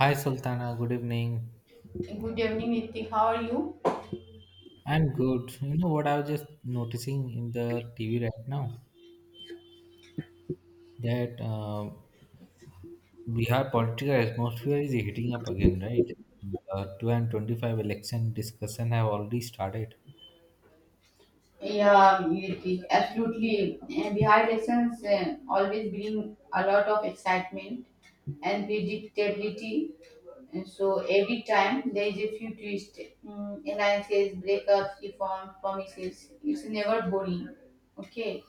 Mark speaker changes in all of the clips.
Speaker 1: Hi Sultana, good evening.
Speaker 2: Good evening, Ritik. How are you?
Speaker 1: I'm good. You know what I was just noticing in the TV right now that Bihar political atmosphere is heating up again, right? The 2025 election discussion have already started.
Speaker 2: Yeah, Ritik, absolutely. Bihar elections always bring a lot of excitement and predictability. And so every time there is a few twists, alliances, breakups, reforms, promises. It's never boring. Okay.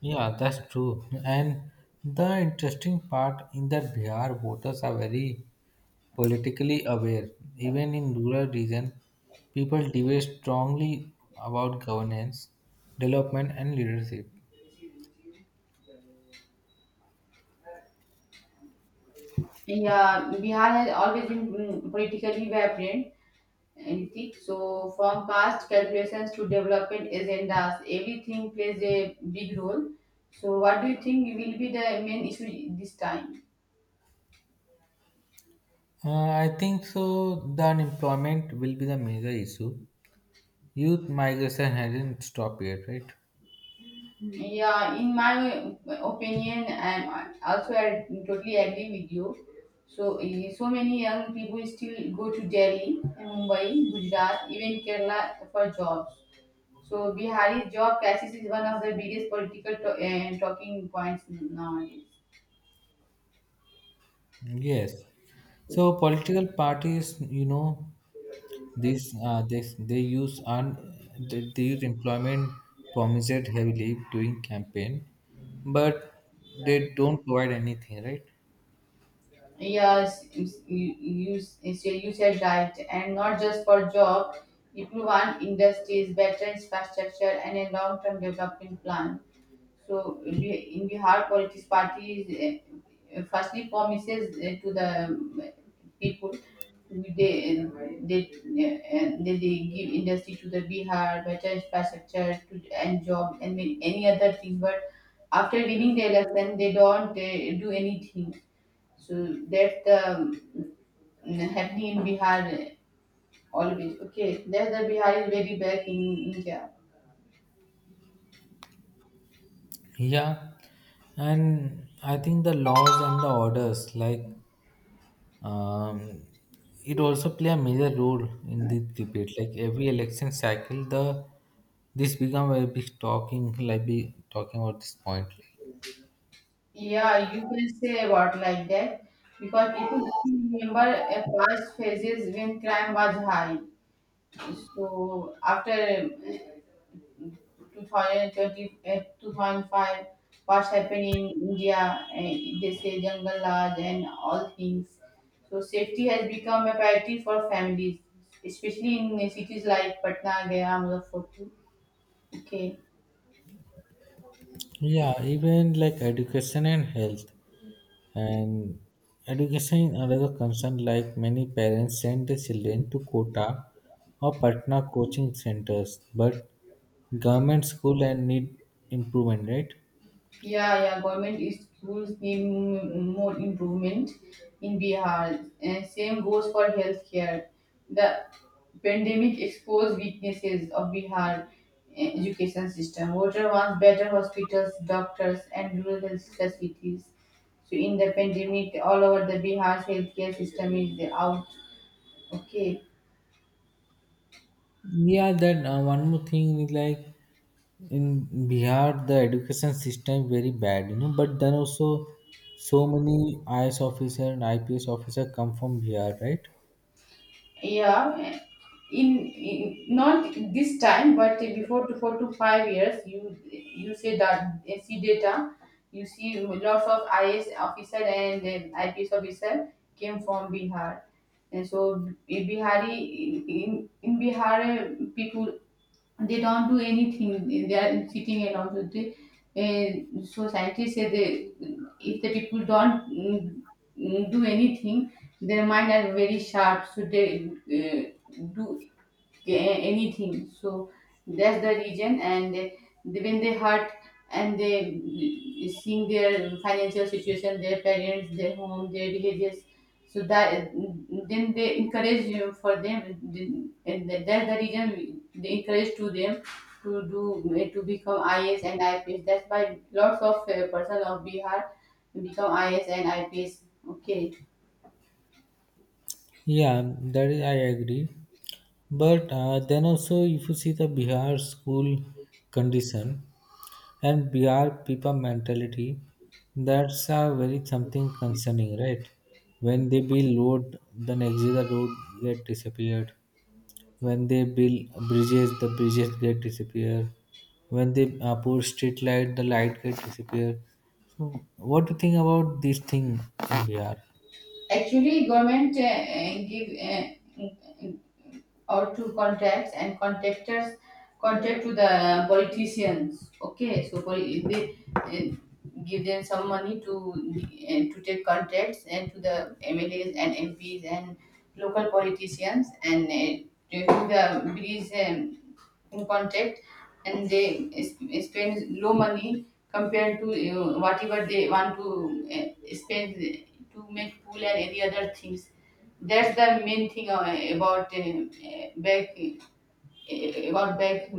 Speaker 1: Yeah, that's true. And the interesting part in that Bihar voters are very politically aware. Even in rural region, people debate strongly about governance, development, and leadership.
Speaker 2: Yeah, Bihar has always been politically vibrant. Anything. So, from past calculations to development agendas, everything plays a big role. So, what do you think will be the main issue this time?
Speaker 1: I think so. The unemployment will be the major issue. Youth migration hasn't stopped yet, right?
Speaker 2: Yeah, in my opinion, and also I totally agree with you. So, so many young people still go to Delhi, Mumbai, Gujarat, even Kerala for jobs. So, Bihari's job crisis is one of the biggest political talking points nowadays.
Speaker 1: Yes. So political parties, you know, this they use employment promised heavily during campaign, but they don't provide anything, right?
Speaker 2: Yes, you use is your usage right, and not just for job. If will want industries, better infrastructure, and a long-term development plan, so in in Bihar, politics parties firstly promises to the people, they they uh, they give industry to the Bihar, better infrastructure to, and job and many, any other things. But after winning the election, they don't do anything. So that the happening in Bihar always. Okay, that the Bihar is very back in India.
Speaker 1: Yeah, and I think the laws and the orders like Um, it also play a major role in the debate. Like every election cycle, the this become a big talking, like be talking about this point.
Speaker 2: Yeah, you can say about like that, because people still remember a past phases when crime was high. So after 2030, 2005, what's happening in India, they say jungle laws and all things. So safety has become a priority for families, especially in cities like Patna, Gaya, Muzaffarpur. Okay.
Speaker 1: Yeah, even like education and health, and education is another concern. Like many parents send their children to Kota or Patna coaching centers, but government school and need improvement, right?
Speaker 2: Yeah, yeah, government is schools need more improvement in Bihar. And same goes for healthcare. The pandemic exposed weaknesses of Bihar education system. Voter wants better hospitals, doctors, and rural health facilities. So in the pandemic, all over the Bihar's healthcare system is out. Okay.
Speaker 1: Yeah, that one more thing is like in Bihar, the education system very bad, you know. But then also, so many IAS officer and IPS officer come from Bihar, right?
Speaker 2: Yeah, in not this time, but before to 4 to 5 years, you say that you see data, you see lots of IS officer and then IPS officer came from Bihar. And so Bihari, in Bihar, people, they don't do anything, they are sitting alone, so they, so scientists say, they, if the people don't do anything, their mind are very sharp, so they do, yeah, anything. So that's the reason, and they, when they hurt and they seeing their financial situation, their parents, their home, their villages, so that then they encourage you for them, and that's the reason they encourage to them, to do, to become IS and IPS. That's why lots of person of Bihar become IS and IPS. Okay.
Speaker 1: Yeah, that is I agree. But then also, if you see the Bihar school condition and Bihar people mentality, that's very something concerning, right? When they build road, then exit the road get disappeared. When they build bridges, the bridges get disappear. When they put street light, the light get disappear. So, what do you think about this thing in VR?
Speaker 2: Actually, government give or to contacts and contactors contact to the politicians. Okay, so they give them some money to take contacts and to the MLAs and MPs and local politicians, and to the bridge. In contact, and they spend low money compared to whatever they want to spend to make pool and any other things. That's the main thing about back, about back,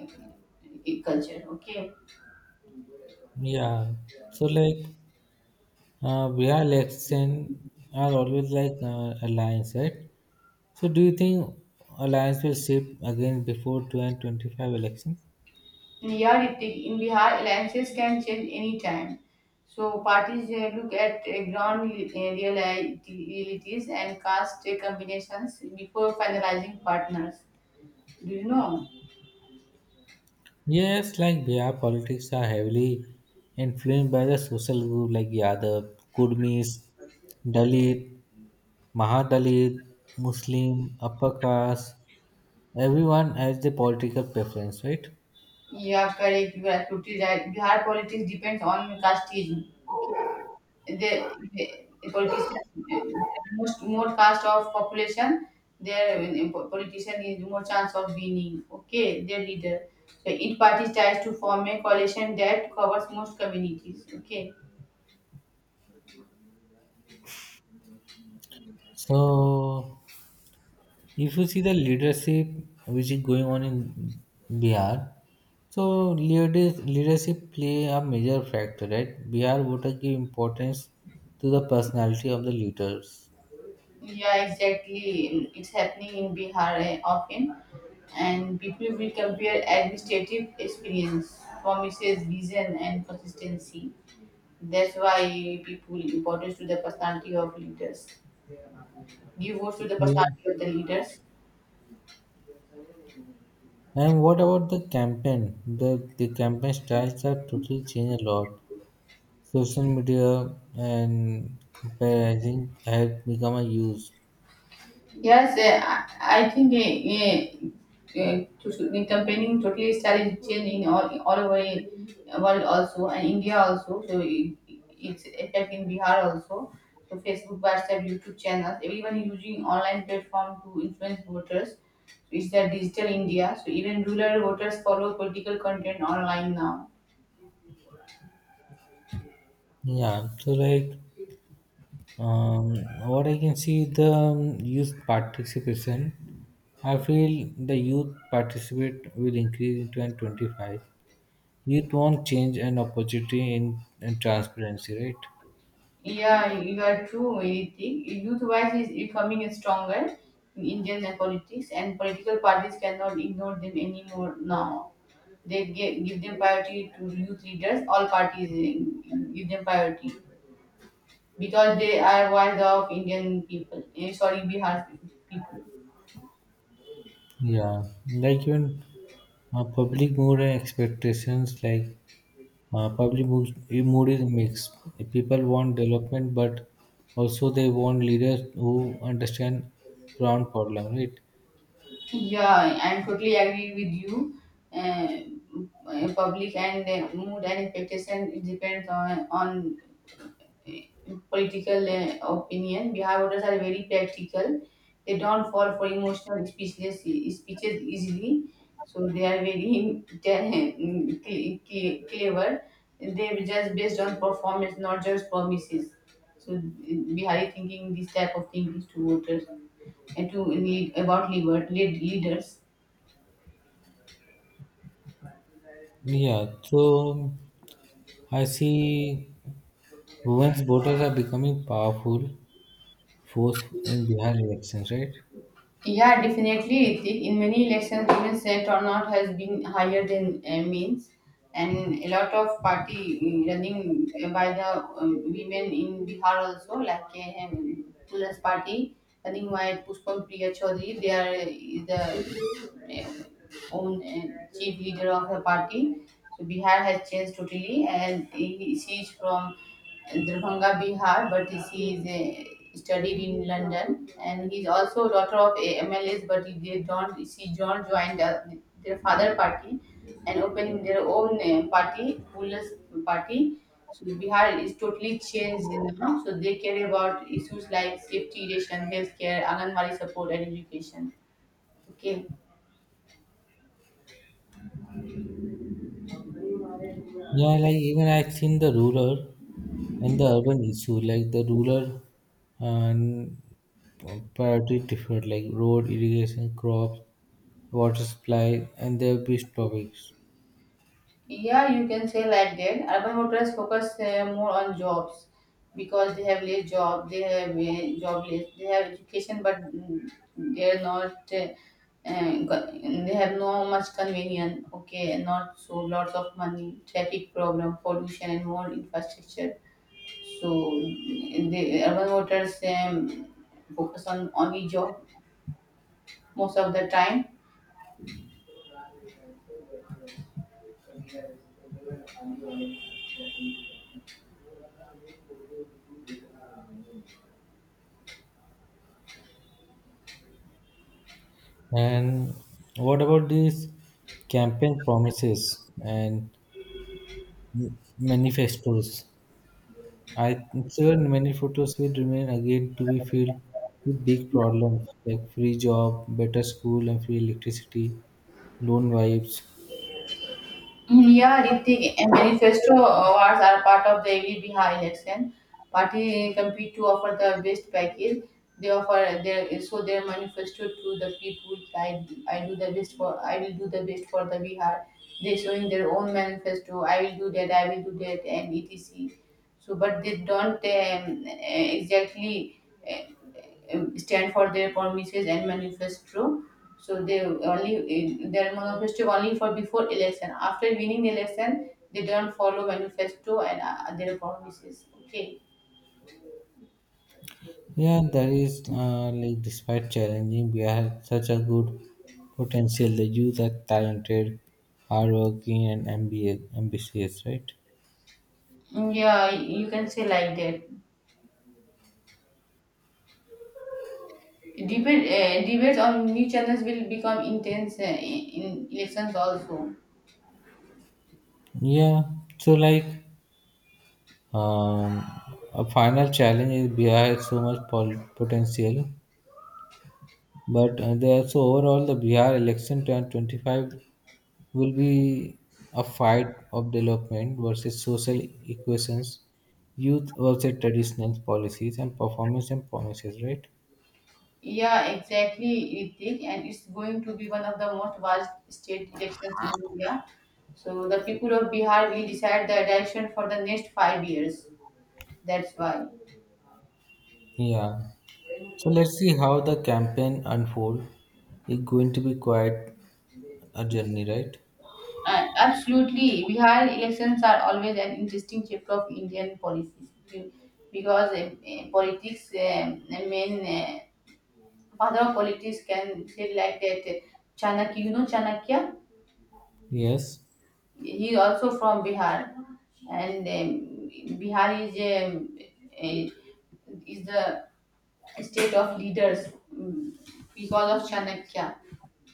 Speaker 2: culture. Okay.
Speaker 1: Yeah. So like VR election are always like alliance, right? So do you think alliance will shift again before 2025 election?
Speaker 2: Yeah, Yardik, in Bihar, alliances can change any time. So parties look at ground realities and caste combinations before finalizing partners. Do you know?
Speaker 1: Yes, like B R politics are heavily influenced by the social group like Yadav, Kurmis, Dalit, Mahadalit, Muslim, upper caste, everyone has the political preference, right?
Speaker 2: Yeah, correct. You are totally right. Bihar politics depends on casteism. Okay, the politician, most more caste of population, their politician is more chance of winning. Okay, their leader. So each party tries to form a coalition that covers most communities. Okay,
Speaker 1: So if you see the leadership which is going on in Bihar, so leaders, leadership play a major factor, right? Bihar voters give importance to the personality of the leaders.
Speaker 2: yeah, exactly. It's happening in Bihar often, and people will compare administrative experience, promises, vision, and consistency. That's why people importance to the personality of leaders. Give votes to the
Speaker 1: Yeah.
Speaker 2: personality of the leaders.
Speaker 1: And what about the campaign? The campaign styles are totally changed a lot. Social media and comparison had become a use.
Speaker 2: Yes, I think to, in comparing totally style change in all over the world also and India also. So it's effect in Bihar also. So Facebook, WhatsApp, YouTube channels. Everyone is using online platform to influence voters. So it's the digital India. So even rural voters follow political content online now.
Speaker 1: Yeah, so like um, what I can see the youth participation. I feel the youth participate will increase in 2025. Youth want change and opportunity in and transparency, right?
Speaker 2: Yeah, you are true. I think youth voice is becoming stronger in Indian politics, and political parties cannot ignore them anymore now. They give them priority to youth leaders. All parties give them priority because they are voice of Indian people. Sorry, Bihar people.
Speaker 1: Yeah, like even public mood and expectations, like public books, mood is mixed. People want development, but also they want leaders who understand ground problem, right?
Speaker 2: Yeah, I'm totally agree with you. Uh, public and mood and expectation it depends on political opinion. Bihar voters are very practical. They don't fall for emotional speeches easily. So they are very clever. They are just based on performance, not just promises. So Bihari thinking this type of thing is to voters and to lead about leader, lead leaders.
Speaker 1: Yeah. So I see women's voters are becoming powerful force in Bihar elections, right?
Speaker 2: Yeah, definitely, Ritik. In many elections, even set or not has been higher than means, and a lot of party running by the women in Bihar also, like Tulasi Party running by Pushpam Priya Chaudhary. They are uh, the own chief leader of the party. So Bihar has changed totally, and he, she is from Darbhanga, Bihar, but this, he is studied in London, and he's also daughter of a MLS, but he, they don't. She don't join the, their father party, and opening their own party, Pulas party. So Bihar is totally changed now. So they care about issues like safety, ration, healthcare, Anganwadi support, and education. Okay.
Speaker 1: Yeah, like even I've seen the rural and the urban issue, like the rural and priority different, like road, irrigation, crops, water supply, and their big topics.
Speaker 2: Yeah, you can say like that. Urban hotels focus more on jobs because they have less job, they have job less, they have education, but they are not. They have no much convenience. Okay, not so lots of money, traffic problem, pollution, and more infrastructure. So the urban hotels focus on only job most of the time.
Speaker 1: And what about these campaign promises and manifestos? I sure many photos will remain again to be filled with big problems like free job, better school, and free electricity, loan vibes.
Speaker 2: Yeah, Ritik, and manifesto awards are part of the every Bihar election. Party compete to offer the best package. They offer their so their manifesto to the people. I do the best for, I will do the best for the Bihar. They showing their own manifesto. I will do that. I will do that, and etc. So but they don't exactly uh, stand for their promises and manifesto, so they only their manifesto only for before election. After winning the election, they don't follow manifesto and their promises. Okay.
Speaker 1: Yeah, that is like despite challenging, we have such a good potential. The youth are talented, hardworking, and ambitious, right?
Speaker 2: Yeah, you can say like that. Debates on new channels will become intense in elections also.
Speaker 1: Yeah, so like Um, a final challenge is Bihar has so much potential, but there so overall the Bihar election 2025 will be a fight of development versus social equations, youth versus traditional policies and performance and promises, right?
Speaker 2: Yeah, exactly, Ritik, and it's going to be one of the most vast state elections in India. So the people of Bihar will decide the direction for the next 5 years. That's why.
Speaker 1: Yeah. So let's see how the campaign unfold. It's going to be quite a journey, right?
Speaker 2: Absolutely, Bihar elections are always an interesting chapter of Indian politics because politics, I mean, father of politics can say like that. Chanakya, you know Chanakya?
Speaker 1: Yes.
Speaker 2: He also from Bihar, and Bihar is a- is the state of leaders because of Chanakya.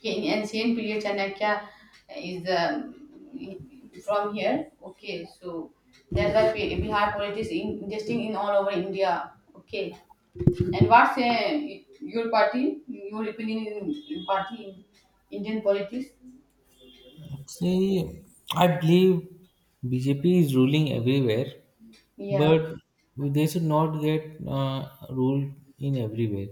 Speaker 2: In ancient period, Chanakya is from here. Okay, so that's why Bihar politics in, interesting in all over India. Okay, and what's your party? Your opinion in party in Indian politics?
Speaker 1: See, I believe BJP is ruling everywhere,
Speaker 2: Yeah.
Speaker 1: but they should not get ruled in everywhere.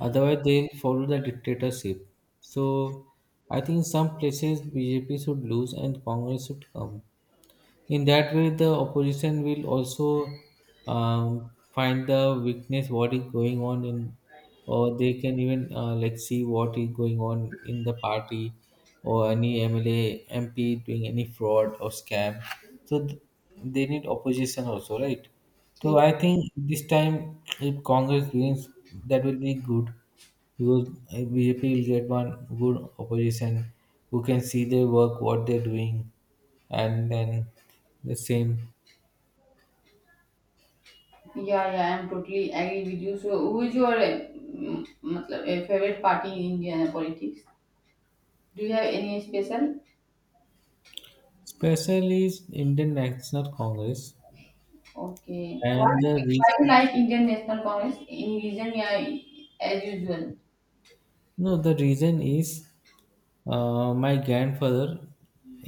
Speaker 1: Otherwise, they follow the dictatorship. So, I think some places BJP should lose and Congress should come. In that way, the opposition will also find the weakness what is going on in, or they can even like see what is going on in the party or any MLA, MP doing any fraud or scam. So they need opposition also, right? So I think this time if Congress wins, that will be good because BJP will get one good opposition who can see their work, what they're doing, and then the same.
Speaker 2: Yeah, yeah, I'm totally agree with you. So, who is your matlab, favorite party in Indian politics? Do you have any special?
Speaker 1: Especially is Indian National Congress,
Speaker 2: Okay. Why,
Speaker 1: and the
Speaker 2: why you
Speaker 1: reason
Speaker 2: like Indian National Congress? Any reason? Yeah, as usual.
Speaker 1: no, the reason is my grandfather,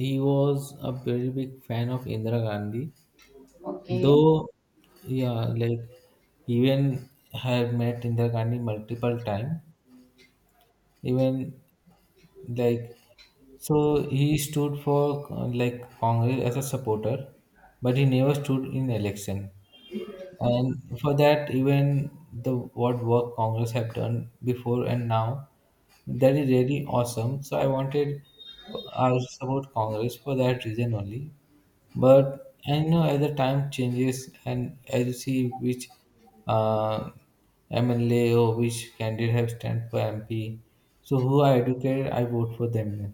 Speaker 1: he was a very big fan of Indira Gandhi.
Speaker 2: Okay.
Speaker 1: Though, yeah, like even had met Indira Gandhi multiple times. Even like so, he stood for like Congress as a supporter, but he never stood in election. And for that, even the what work Congress have done before and now, that is really awesome. So I support Congress for that reason only. But I know as the time changes and as you see which uh, MLA or which candidate have stand for MP, so who are educated, I vote for them. Then.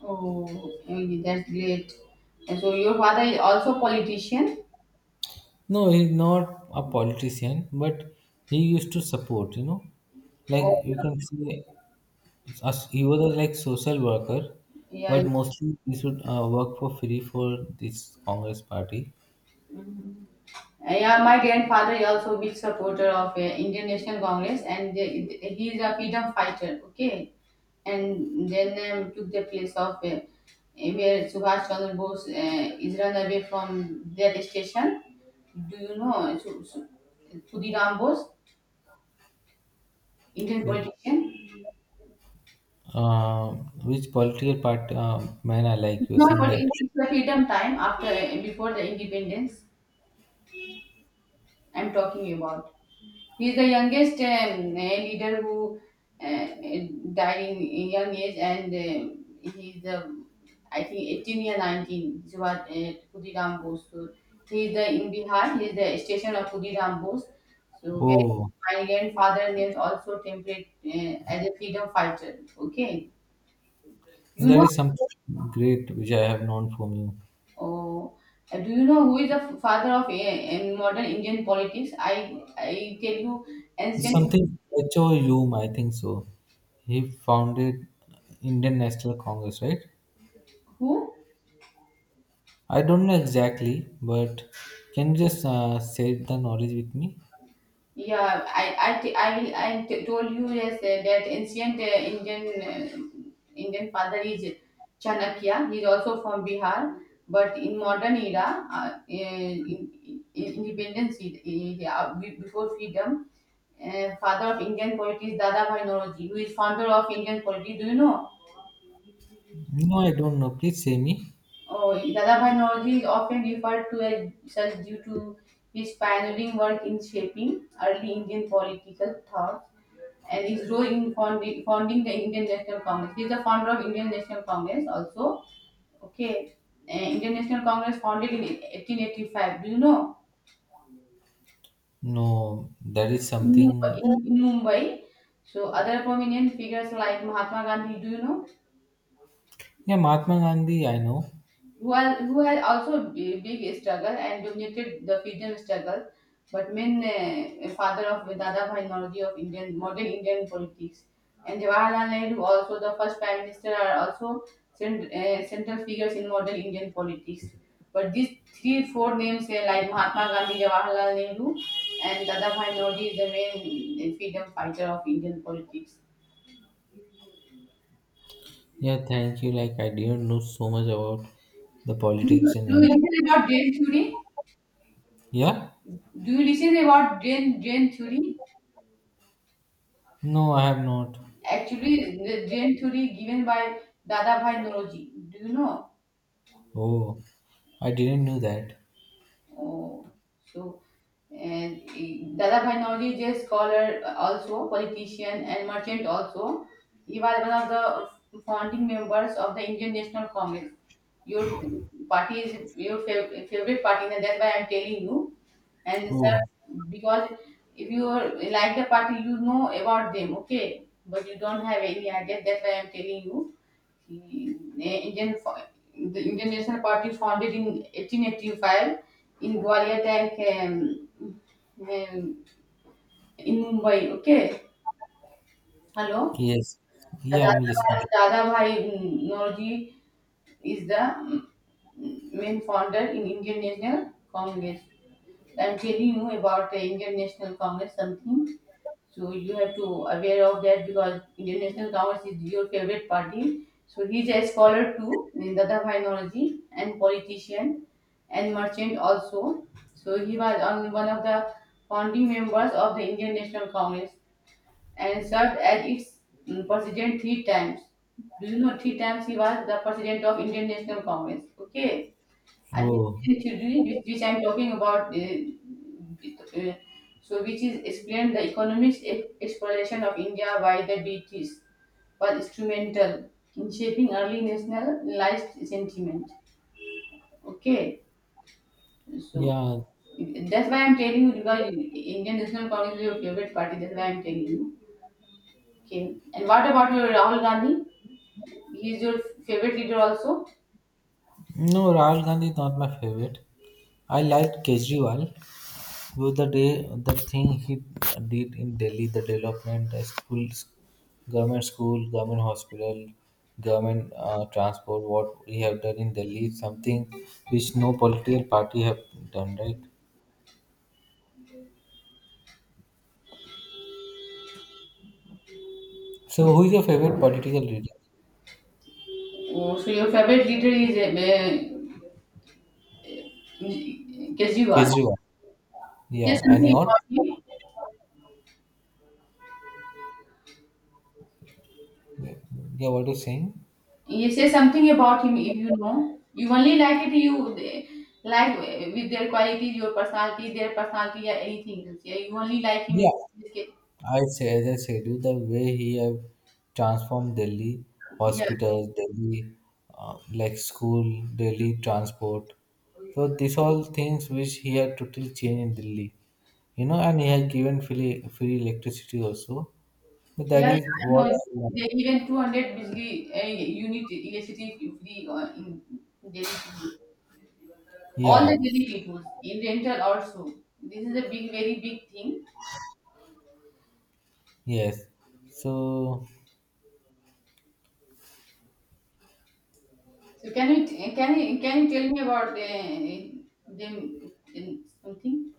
Speaker 2: Oh, okay, that's great. And so your father is also politician?
Speaker 1: No, he's not a politician, but he used to support. You know, like
Speaker 2: Oh,
Speaker 1: you can see. As- He was a, like social worker,
Speaker 2: yeah, yeah.
Speaker 1: but
Speaker 2: Yeah.
Speaker 1: mostly he should work for free for this Congress party.
Speaker 2: Yeah, my grandfather is also a big supporter of Indian National Congress, and they, he is a freedom fighter. Okay, and then took the place of where Subhash Chandra Bose is run away from their station. Do you know Sudhiram Bose, Indian
Speaker 1: That,
Speaker 2: politician?
Speaker 1: Uh, which political part man I like?
Speaker 2: It's
Speaker 1: You're
Speaker 2: not,
Speaker 1: saying
Speaker 2: but
Speaker 1: that.
Speaker 2: it's the freedom time after, before the independence. I'm talking about. He's the youngest leader who uh, eh, died in a young age, and he's the, I think, 18 or 19. He was Khudiram Bose. So he is the in Bihar. He is the station of Khudiram Bose. So where
Speaker 1: Oh,
Speaker 2: my grandfather names also template as a freedom fighter. Okay, you
Speaker 1: there
Speaker 2: know.
Speaker 1: is something great which I have known from you.
Speaker 2: Oh, do you know who is the father of a modern Indian politics? I tell you,
Speaker 1: It's
Speaker 2: ancient
Speaker 1: something H O Hume, I think so. He founded Indian National Congress, right?
Speaker 2: who?
Speaker 1: I don't know exactly, but can you just share the knowledge with me?
Speaker 2: Yeah, told you yes, that ancient Indian father is Chanakya. He is also from Bihar, but in modern era, in independence before freedom, father of Indian poetry is Dadabhai Nauroji, who is founder of Indian poetry. Do you know?
Speaker 1: No, I don't know. Please say me.
Speaker 2: Oh, Dadabhai Nauroji is often referred to as such due to his pioneering work in shaping early Indian political thought and his role in founding the Indian National Congress. He is the founder of Indian National Congress also. Okay. Indian National Congress founded in 1885. Do you know?
Speaker 1: No, that is
Speaker 2: In, Mumbai-
Speaker 1: something.
Speaker 2: in, in Mumbai. So other prominent figures like Mahatma Gandhi, do you know?
Speaker 1: Yeah, Mahatma Gandhi, I know.
Speaker 2: One who had also big struggle and dominated the freedom struggle, but main father of Dadabhai Nauroji of Indian modern Indian politics, and Jawaharlal Nehru also the first prime minister are also central figures in modern Indian politics. But these 3 4 names like Mahatma Gandhi, Jawaharlal Nehru, and Dadabhai Nauroji is the main freedom fighter of Indian politics.
Speaker 1: Yeah, thank you. Like, I didn't know so much about the
Speaker 2: Do you,
Speaker 1: politics
Speaker 2: do
Speaker 1: in
Speaker 2: you
Speaker 1: India.
Speaker 2: listen about drain theory?
Speaker 1: Yeah?
Speaker 2: Do you listen about drain theory?
Speaker 1: No, I have not.
Speaker 2: Actually, the drain theory given by Dadabhai Nauroji. Do you know?
Speaker 1: Oh, I didn't know that.
Speaker 2: Oh, so, Dadabhai Nauroji is a scholar, also politician and merchant. Also, he was one of the founding members of the Indian National Congress. Your party is your favorite party, and that's why I'm telling you. And sir,
Speaker 1: Oh,
Speaker 2: because if you are like the party, you know about them, okay? But you don't have any idea. That's why I'm telling you. He, The Indian, fo- The Indian National Party founded in 1885 in Gwalior Tank um, in Mumbai. Okay, hello.
Speaker 1: yes. Yeah, I'm listening.
Speaker 2: Dadabhai Nauji is the main founder in Indian National Congress. I'm telling you about the Indian National Congress something. So you have to aware of that because Indian National Congress is your favorite party. So he's a scholar too in Dadaphainology and politician and merchant also. So he was on one of the founding members of the Indian National Congress and served as its president three times. Do you know three times he was the president of Indian National Congress? Okay. And
Speaker 1: Oh,
Speaker 2: his which I'm talking about, it, so which is explained the economics exploration of India by the British was instrumental in shaping early nationalized sentiment. Okay, so
Speaker 1: yeah.
Speaker 2: that's why I'm telling you because Indian National Congress is your favorite party. That's why I'm telling you. Okay, and what about your Rahul Gandhi? He's your favorite leader also.
Speaker 1: No, Rahul Gandhi is not my favorite. I liked Kejriwal. So the day, the thing he did in Delhi, the development, schools, government school, government hospital, government transport, what we have done in Delhi is something which no political party have done, right? So who is your favorite political leader?
Speaker 2: Oh, so your favorite leader is uh, Kejriwal.
Speaker 1: Kejriwal.
Speaker 2: Say
Speaker 1: Yeah, and
Speaker 2: something
Speaker 1: your?
Speaker 2: about him.
Speaker 1: Yeah, what are you saying?
Speaker 2: You say something about him if you know. You only like it. You eh, like eh, with their qualities, your personality, their personality, yeah, anything else. Yeah, you only like him in
Speaker 1: Yeah,
Speaker 2: this case.
Speaker 1: I say, as I said, you, the way he have transformed Delhi
Speaker 2: Yeah,
Speaker 1: hospitals, Delhi like school, Delhi transport. So these all things which he had totally changed in Delhi, you know, and he had given free electricity also. So that
Speaker 2: yeah, yeah.
Speaker 1: is
Speaker 2: I
Speaker 1: what.
Speaker 2: know.
Speaker 1: I love.
Speaker 2: They even 200 degree unit electricity free in daily people, all
Speaker 1: Yeah.
Speaker 2: the daily people in rental also. This is a big, very big thing.
Speaker 1: Yes. So,
Speaker 2: So can you can you tell me about them in something,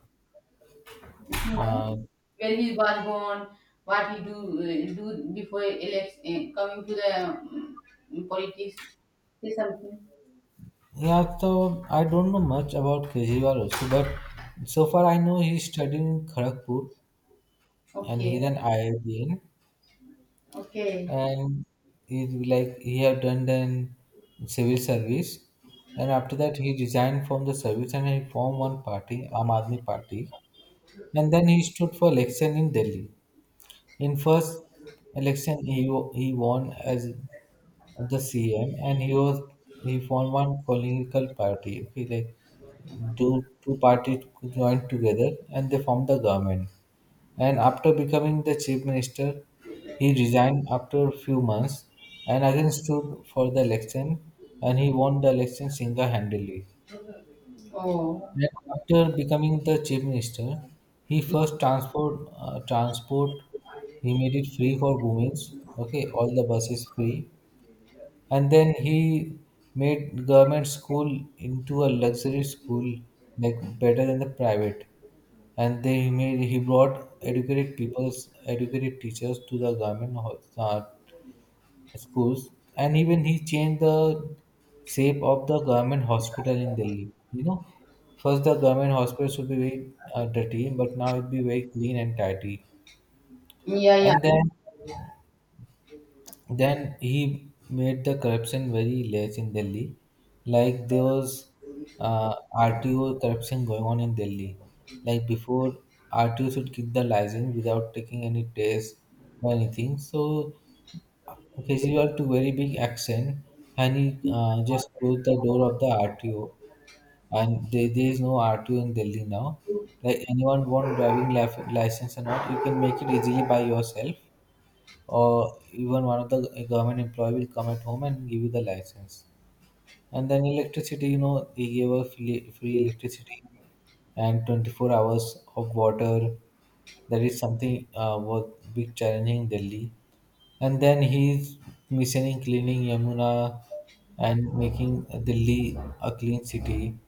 Speaker 2: if you know
Speaker 1: uh,
Speaker 2: where he was born, what he do do before coming to the politics, say something.
Speaker 1: yeah, so I don't know much about Kejriwal also, but so far I know he's studying in Kharagpur and
Speaker 2: Okay,
Speaker 1: he's an IITian.
Speaker 2: okay.
Speaker 1: And he like he had done then civil service and after that he resigned from the service and he formed one party Aam Aadmi Party and then he stood for election in Delhi. In first election he won as the CM and he formed one political party. Okay, like two parties joined together and they formed the government. And after becoming the chief minister, he resigned after a few months and again stood for the election and he won the election single-handedly.
Speaker 2: Oh,
Speaker 1: And after becoming the chief minister, he first transport he made it free for women. Okay, all the buses free, and then he made government school into a luxury school, like better than the private and they made he brought educated people's educated teachers to the government schools and even he changed the shape of the government hospital in Delhi, you know, first the government hospital should be very dirty but now it be very clean and tidy.
Speaker 2: yeah, yeah.
Speaker 1: And then. Then he made the corruption very less in Delhi. Like there was RTO corruption going on in Delhi. Like before, RTO should give the license without taking any test or anything. So Kejriwal took very big action and he just closed the door of the RTO. And there is no RTO in Delhi now. Like anyone want driving license or not, you can make it easily by yourself or even one of the government employee will come at home and give you the license. And then electricity, you know, they gave a free electricity and 24 hours of water. That is something was big challenging in Delhi. And then he's missioning, cleaning Yamuna and making Delhi a clean city.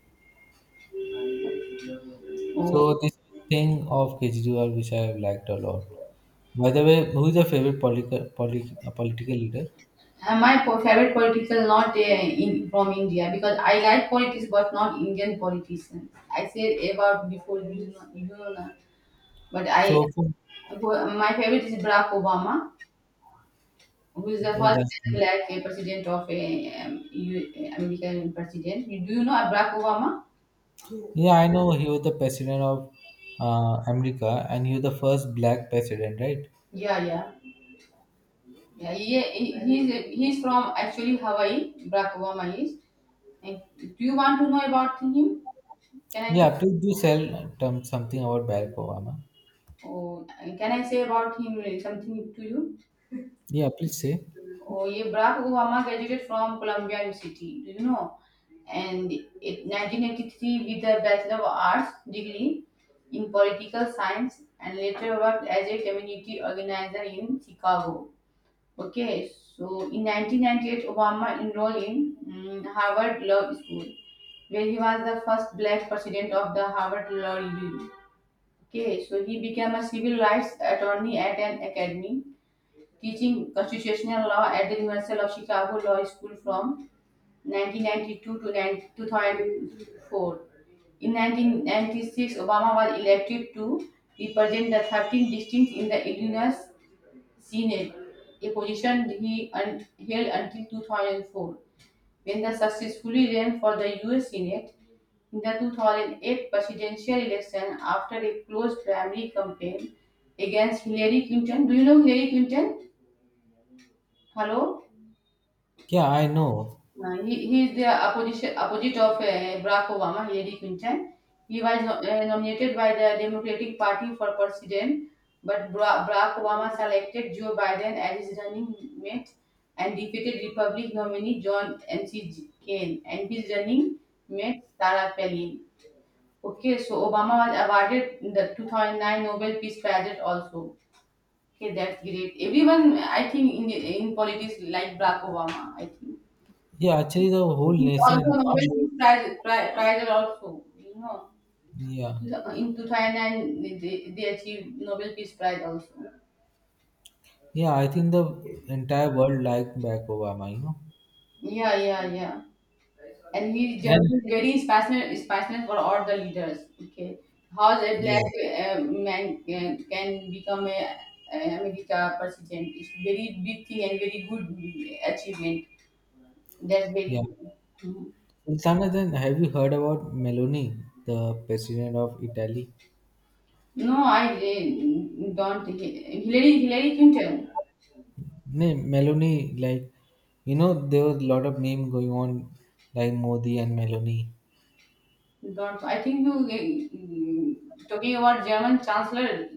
Speaker 2: Oh.
Speaker 1: So this thing of Kejriwal, which I have liked a lot. By the way, who is your favorite political leader?
Speaker 2: And my favorite political not in from India because I like politics but not Indian politicians. I said about before, you know, but I,
Speaker 1: So for.
Speaker 2: my favorite is Barack Obama who is the
Speaker 1: Oh,
Speaker 2: first
Speaker 1: that's
Speaker 2: black eh, president of eh, U- eh, American president. You- Do you know Barack Obama?
Speaker 1: yeah. I know he was the president of America, and he was the first black president, right?
Speaker 2: Yeah, yeah, yeah. He's from actually Hawaii. Barack Obama is. And do you want to know about him? Can I?
Speaker 1: Yeah, please do sell something about Barack Obama.
Speaker 2: Oh, can I say about him like something to you?
Speaker 1: Yeah, please say.
Speaker 2: Oh, yeah, Barack Obama graduated from Columbia University, do you know? And in 1983 with a Bachelor of Arts degree in political science and later worked as a community organizer in Chicago. Okay, so in 1998, Obama enrolled in Harvard Law School, where he was the first black president of the Harvard Law Review. Okay, so he became a civil rights attorney at an academy teaching constitutional law at the University of Chicago Law School from 1992 to 19 2004. In 1996, Obama was elected to represent the 13th district in the Illinois Senate, a position he held until 2004, when he successfully ran for the U.S. Senate. In the 2008 presidential election, after a close primary campaign against Hillary Clinton, do you know Hillary Clinton? Hello?
Speaker 1: Yeah, I know.
Speaker 2: He is the opposition, opposite of Barack Obama, Hillary Clinton. He was nominated by the Democratic Party for president, but Barack Obama selected Joe Biden as his running mate and defeated Republican nominee John N C. Kaine and his running mate Sarah Palin. Okay, so Obama was awarded the 2009 Nobel Peace Prize also. Okay, that's great. Everyone, I think, in politics like Barack Obama, I think
Speaker 1: Yeah, actually, the whole nation.
Speaker 2: also
Speaker 1: Not,
Speaker 2: Nobel Peace Prize also, you know,
Speaker 1: yeah,
Speaker 2: in 2009 they achieved Nobel Peace Prize also.
Speaker 1: yeah. I think the entire world liked Barack Obama. You know,
Speaker 2: Yeah, yeah, yeah. And he
Speaker 1: and
Speaker 2: Germany is very is passionate for all the leaders. Okay, how a
Speaker 1: yeah,
Speaker 2: black man can become a America president is very big thing and very good achievement. That's very.
Speaker 1: yeah. Sultana, then have you heard about Meloni, the president of Italy?
Speaker 2: No, I don't. Hillary Hillary Clinton.
Speaker 1: Name Melanie, like you know, there was a lot of meme going on, like Modi and Meloni.
Speaker 2: Don't, so I think you talking about German Chancellor?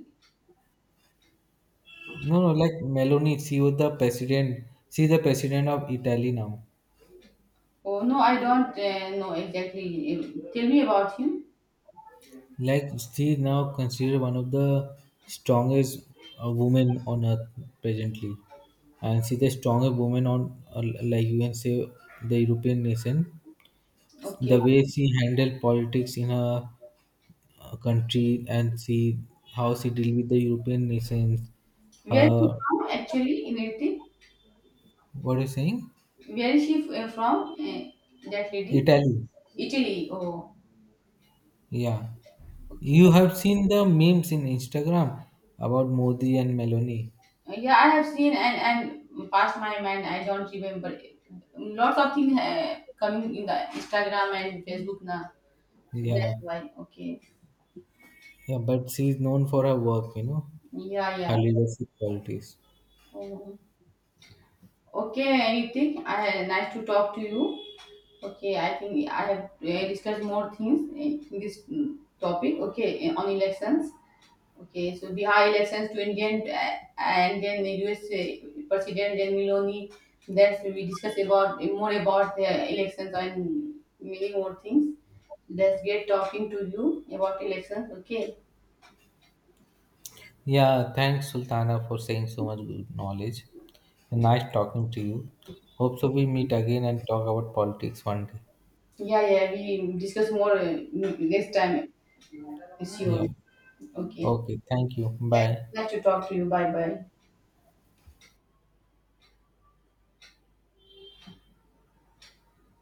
Speaker 1: No, no, like Meloni, she was the president. She's the president of Italy now.
Speaker 2: Oh no, I don't know exactly. Tell me about him.
Speaker 1: Like she is now considered one of the strongest women on earth presently, and she's the strongest woman on, like you can say, the European nation.
Speaker 2: Okay,
Speaker 1: The way she handled politics in her country and see how she deal with the European nations
Speaker 2: where is she
Speaker 1: her.
Speaker 2: from actually in Italy?
Speaker 1: What are you saying?
Speaker 2: Where is she from? That lady,
Speaker 1: Italy.
Speaker 2: Italy. Oh,
Speaker 1: Yeah.
Speaker 2: okay.
Speaker 1: You have seen the memes in Instagram about Modi and Meloni.
Speaker 2: Yeah, I have seen and past my mind. I don't remember. Lots of things coming in the Instagram and Facebook now. So
Speaker 1: Yeah.
Speaker 2: that's why. Okay.
Speaker 1: Yeah, but she is known for her work, you know,
Speaker 2: Yeah,
Speaker 1: her
Speaker 2: yeah.
Speaker 1: leadership qualities.
Speaker 2: Oh. Okay, anything. I nice to talk to you. Okay, I think I have discussed more things in this topic. Okay, on elections. Okay, so Bihar elections to Indian and then the US President and Miloni. That's we discuss about more about the elections and many more things. That's great talking to you about elections. Okay.
Speaker 1: Yeah, thanks Sultana for saying so much good knowledge. And nice talking to you. Hope so we meet again and talk about politics one day.
Speaker 2: Yeah, yeah. We discuss more next time. Sure.
Speaker 1: Yeah.
Speaker 2: Okay.
Speaker 1: Okay, thank you. Bye.
Speaker 2: Nice to talk to you. Bye, bye.